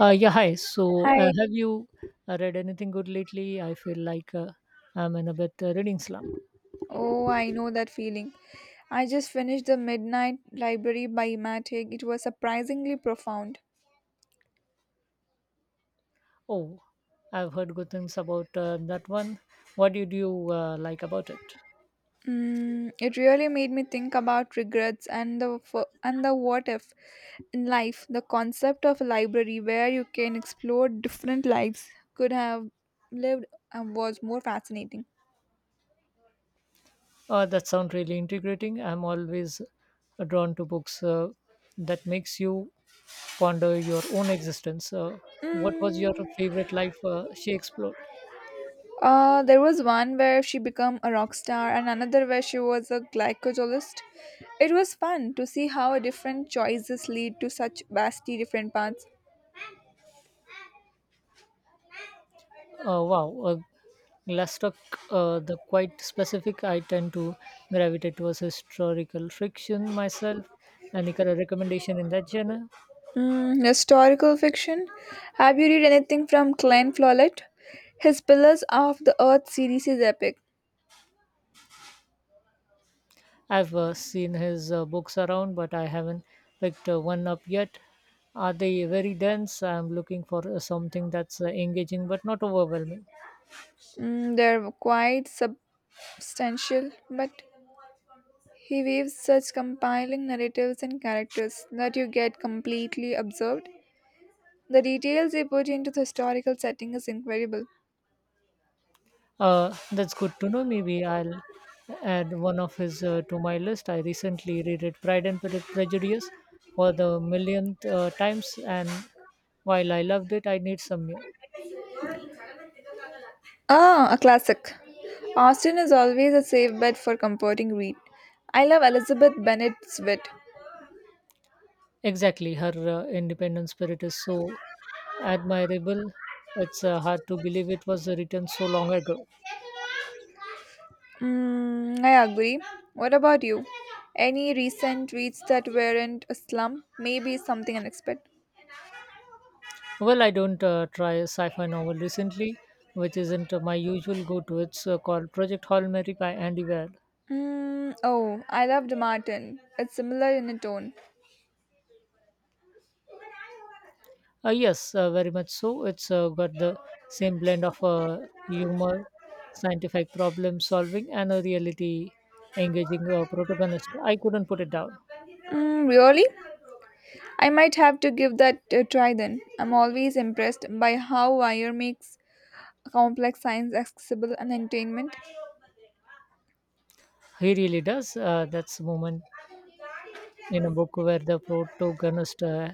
Yeah, Hi. So, Hi. have you read anything good lately? I feel like I'm in a bit reading slump. Oh, I know that feeling. I just finished The Midnight Library by Imatic. It was surprisingly profound. Oh, I've heard good things about that one. What did you like about it? It really made me think about regrets and and the what if in life. The concept of a library where you can explore different lives could have lived and was more fascinating. That sounds really integrating. I'm always drawn to books that makes you ponder your own existence. What was your Mm, favorite life she explored? There was one where she became a rock star and another where she was a glycologist. It was fun to see how different choices lead to such vastly different paths. Wow, Glassrock, the quite specific. I tend to gravitate towards historical fiction myself. Any kind of recommendation in that genre? Historical fiction. Have you read anything from Glenn Follett? His Pillars of the Earth series is epic. I've seen his books around, but I haven't picked one up yet. Are they very dense? I'm looking for something that's engaging but not overwhelming. They're quite substantial, but he weaves such compelling narratives and characters that you get completely absorbed. The details they put into the historical setting is incredible. That's good to know. Maybe I'll add one of his to my list. I recently reread Pride and Prejudice for the millionth times, and while I loved it, I need some new. Ah, a classic. Austen is always a safe bet for comforting read. I love Elizabeth Bennet's wit. Exactly, her independent spirit is so admirable. It's hard to believe it was written so long ago. I agree. What about you? Any recent reads that weren't a slump? Maybe something unexpected. Well, I don't try a sci-fi novel recently, which isn't my usual go-to. It's called Project Hail Mary by Andy Weir. Oh, I loved Martin. It's similar in a tone, Yes, very much so. It's got the same blend of humor, scientific problem solving, and a reality engaging protagonist. I couldn't put it down. Mm, Really? I might have to give that a try then. I'm always impressed by how wire makes complex science accessible and entertainment. He really does. That's a moment in a book where the protagonist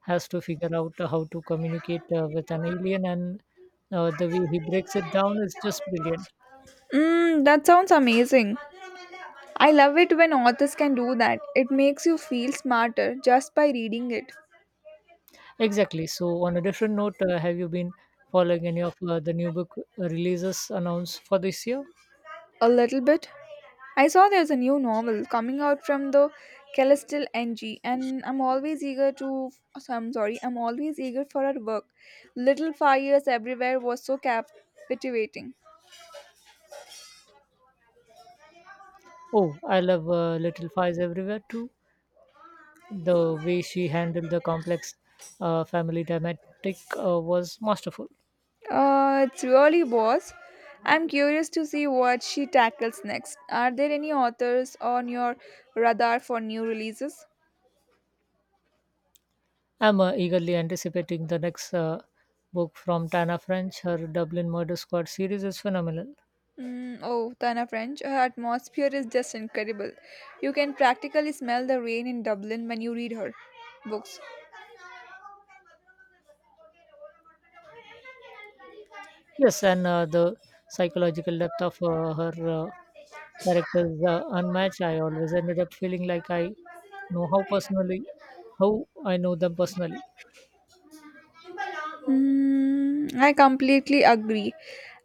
has to figure out how to communicate with an alien, and the way he breaks it down is just brilliant. That sounds amazing. I love it when authors can do that. It makes you feel smarter just by reading it. Exactly. So, on a different note, have you been following any of the new book releases announced for this year? A little bit. I saw there's a new novel coming out from the Celestial NG, and I'm always eager to. So I'm sorry, I'm always eager for her work. Little Fires Everywhere was so captivating. Oh, I love Little Fires Everywhere too. The way she handled the complex family dynamic was masterful. It really was. I'm curious to see what she tackles next. Are there any authors on your radar for new releases? I'm eagerly anticipating the next book from Tana French. Her Dublin Murder Squad series is phenomenal. Oh, Tana French, her atmosphere is just incredible. You can practically smell the rain in Dublin when you read her books. Yes, and the psychological depth of her characters unmatched. I always ended up feeling like I know how personally, how I know them personally. I completely agree.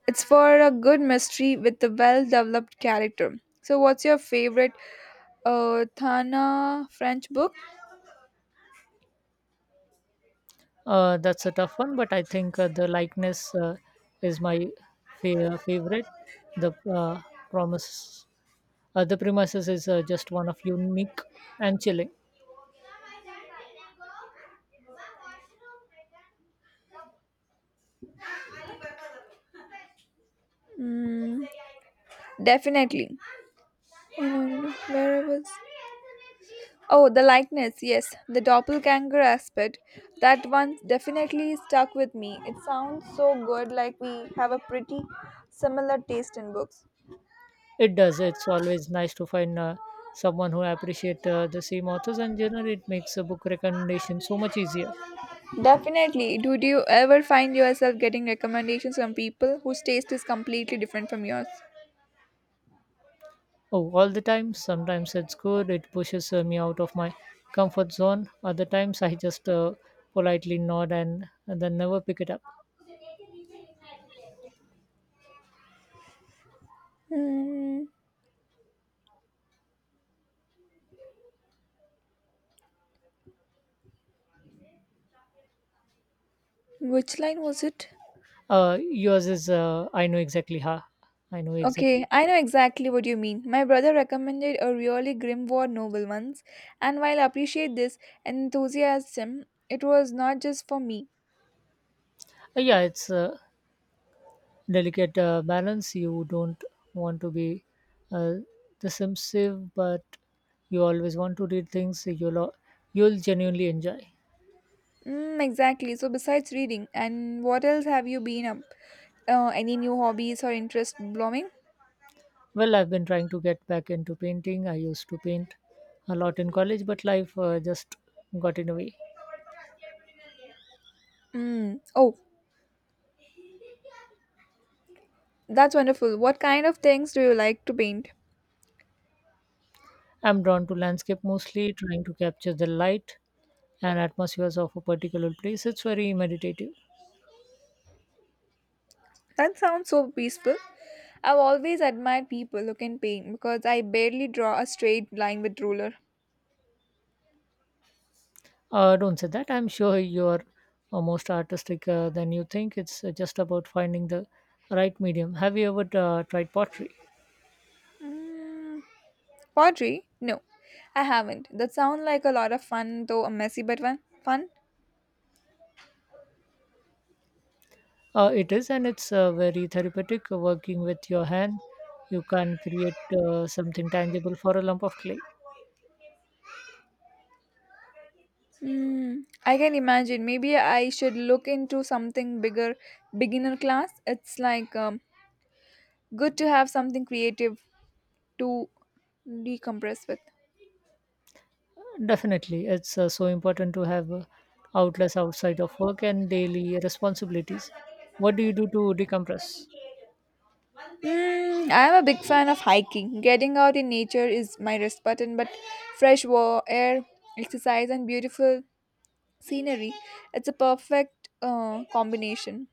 It's for a good mystery with a well developed character. So, what's your favorite Thana French book? That's a tough one, but I think the likeness is my favorite. The promise, the premises is just one of unique and chilling. Mm, Definitely. Where I was. Oh, the likeness, yes. The doppelganger aspect. That one definitely stuck with me. It sounds so good, like we have a pretty similar taste in books. It does. It's always nice to find someone who appreciate the same authors, and generally it makes a book recommendation so much easier. Definitely. Did you ever find yourself getting recommendations from people whose taste is completely different from yours? Oh, all the time. Sometimes it's good. It pushes me out of my comfort zone. Other times I just politely nod and then never pick it up. Hmm, which line was it? Yours is I know exactly how. I know exactly. Okay, I know exactly what you mean. My brother recommended a really grim war novel once, and while I appreciate this enthusiasm, it was not just for me. Yeah, it's a delicate balance. You don't want to be uh, dismissive, but you always want to read things you'll genuinely enjoy. Exactly. So besides reading, and what else have you been up? Any new hobbies or interest blooming? Well, I've been trying to get back into painting. I used to paint a lot in college, but life just got in the way. Mm. Oh, that's wonderful. What kind of things do you like to paint? I'm drawn to landscape mostly, trying to capture the light and atmospheres of a particular place. It's very meditative. That sounds so peaceful. I've always admired people who can paint because I barely draw a straight line with ruler. Don't say that. I'm sure you're most artistic than you think. It's just about finding the right medium. Have you ever tried pottery? Mm. Pottery? No, I haven't. That sounds like a lot of fun, though a messy but fun. Fun? It is, and it's very therapeutic working with your hand. You can create something tangible for a lump of clay. I can imagine. Maybe I should look into something bigger, beginner class. It's like good to have something creative to decompress with. Definitely, it's so important to have outlets outside of work and daily responsibilities. What do you do to decompress? I am a big fan of hiking. Getting out in nature is my rest button, but air, exercise, and beautiful scenery, it's a perfect combination.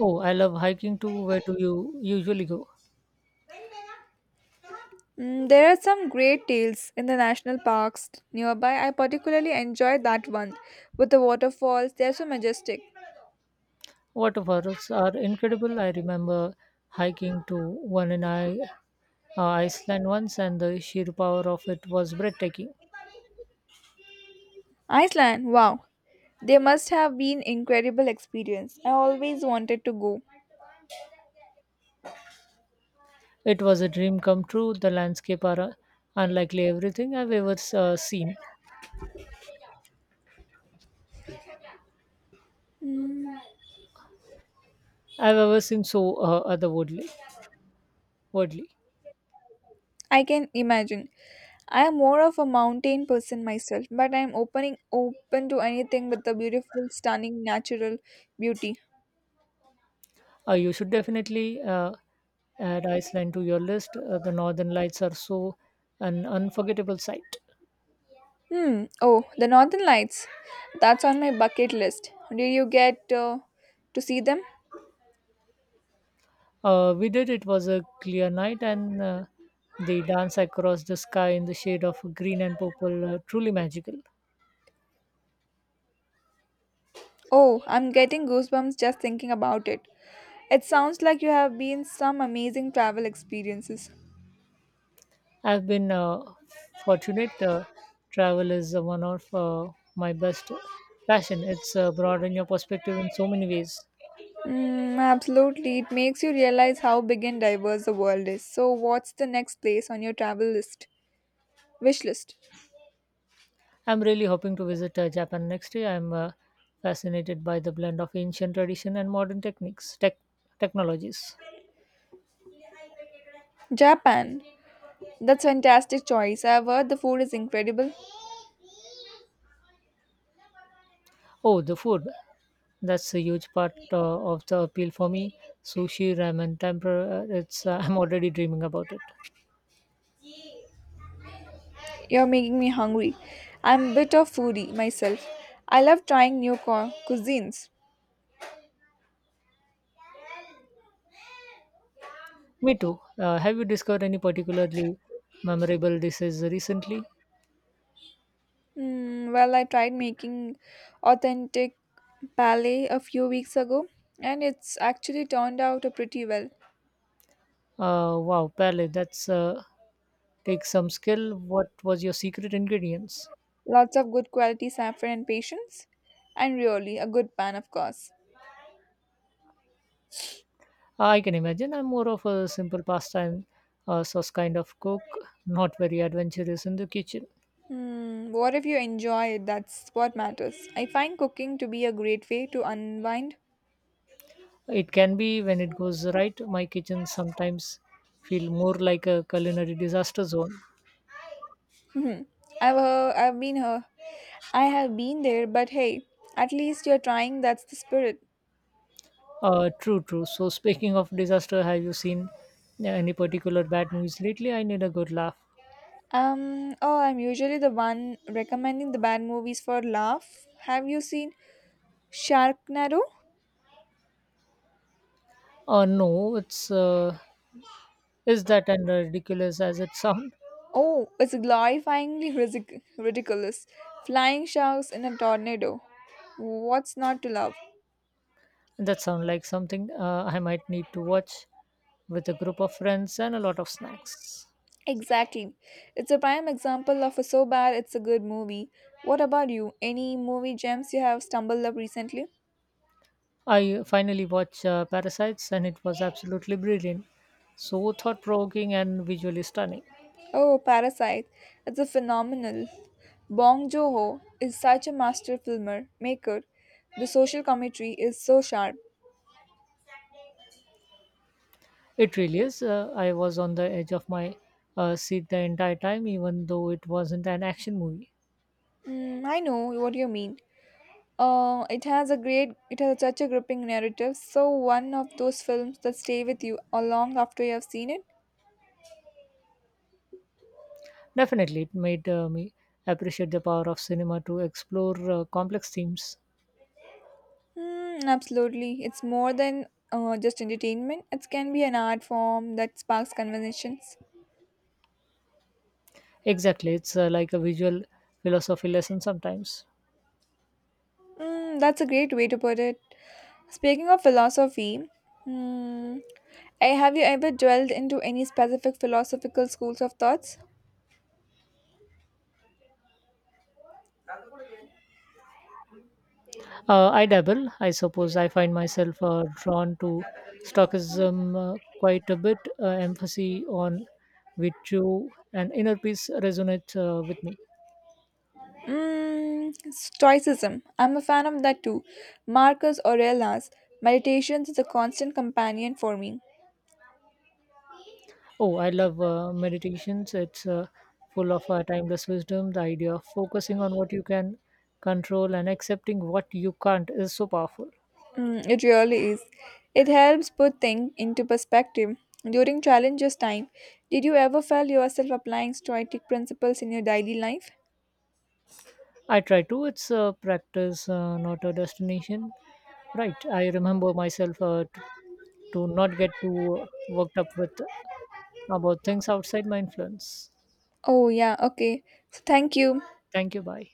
Oh, I love hiking too. Where do you usually go? There are some great trails in the national parks nearby. I particularly enjoy that one with the waterfalls. They are so majestic. Waterfalls are incredible. I remember hiking to one in Iceland once, and the sheer power of it was breathtaking. Iceland, wow. They must have been incredible experience. I always wanted to go. It was a dream come true. The landscape are unlikely everything I've ever uh, seen. Mm, I've ever seen so otherworldly. Worldly. I can imagine. I am more of a mountain person myself, but I am open to anything with the beautiful, stunning natural beauty. You should definitely add Iceland to your list. The northern lights are so an unforgettable sight. Hmm. Oh, the Northern Lights. That's on my bucket list. Did you get to see them? We did. It was a clear night, and the dance across the sky in the shade of green and purple truly magical. Oh, I'm getting goosebumps just thinking about it. It sounds like you have been some amazing travel experiences. I've been fortunate. Travel is one of my best passion. It's broadened your perspective in so many ways. Absolutely. It makes you realize how big and diverse the world is. So, what's the next place on your travel list? Wish list? I'm really hoping to visit Japan next year. I'm fascinated by the blend of ancient tradition and modern techniques, tech technologies. Japan. That's fantastic choice. I've heard the food is incredible. Oh, the food. That's a huge part of the appeal for me. Sushi, ramen, tempura. It's I'm already dreaming about it. You're making me hungry. I'm a bit of foodie myself. I love trying cuisines. Me too. Have you discovered any particularly memorable dishes recently? Hmm. Well, I tried making authentic palais a few weeks ago, and it's actually turned out pretty well. Wow, Pele, that's take some skill. What was your secret ingredients? Lots of good quality saffron and patience, and really a good pan, of course. I can imagine. I'm more of a simple pasta and sauce kind of cook, not very adventurous in the kitchen. Hmm. What if you enjoy it? That's what matters. I find cooking to be a great way to unwind. It can be when it goes right. My kitchen sometimes feel more like a culinary disaster zone. Hmm. I've been her. I have been there, but hey, at least you're trying. That's the spirit. True, true. So speaking of disaster, have you seen any particular bad movies lately? I need a good laugh. Oh, I'm usually the one recommending the bad movies for laugh. Have you seen Sharknado? No, it's is that and ridiculous as it sound? Oh, it's ridiculous. Flying sharks in a tornado. What's not to love? That sound like something I might need to watch with a group of friends and a lot of snacks. Exactly. It's a prime example of a so bad it's a good movie. What about you? Any movie gems you have stumbled up recently? I finally watched Parasites and it was absolutely brilliant. So thought provoking and visually stunning. Oh, Parasite. It's a phenomenal. Bong Joon-ho is such a maker. The social commentary is so sharp. It really is. I was on the edge of my seat the entire time, even though it wasn't an action movie. I know what you mean. It has such a gripping narrative. So one of those films that stay with you long after you have seen it. Definitely, it made me appreciate the power of cinema to explore complex themes. Hmm, absolutely. It's more than just entertainment, it can be an art form that sparks conversations. Exactly, it's like a visual philosophy lesson sometimes. That's a great way to put it. Speaking of philosophy, mm, have you ever dwelled into any specific philosophical schools of thoughts? I dabble, I suppose. I find myself drawn to stoicism quite a bit. Emphasis on virtue and inner peace resonates with me. Stoicism. I'm a fan of that too. Marcus Aurelius' meditations is a constant companion for me. Oh, I love meditations. It's full of timeless wisdom. The idea of focusing on what you can control and accepting what you can't is so powerful. It really is. It helps put things into perspective. During challenges time, did you ever feel yourself applying Stoic principles in your daily life? I try to. It's a practice, not a destination. Right. I remember myself to not get too worked up with about things outside my influence. Oh, yeah, okay. So, thank you. Thank you. Bye.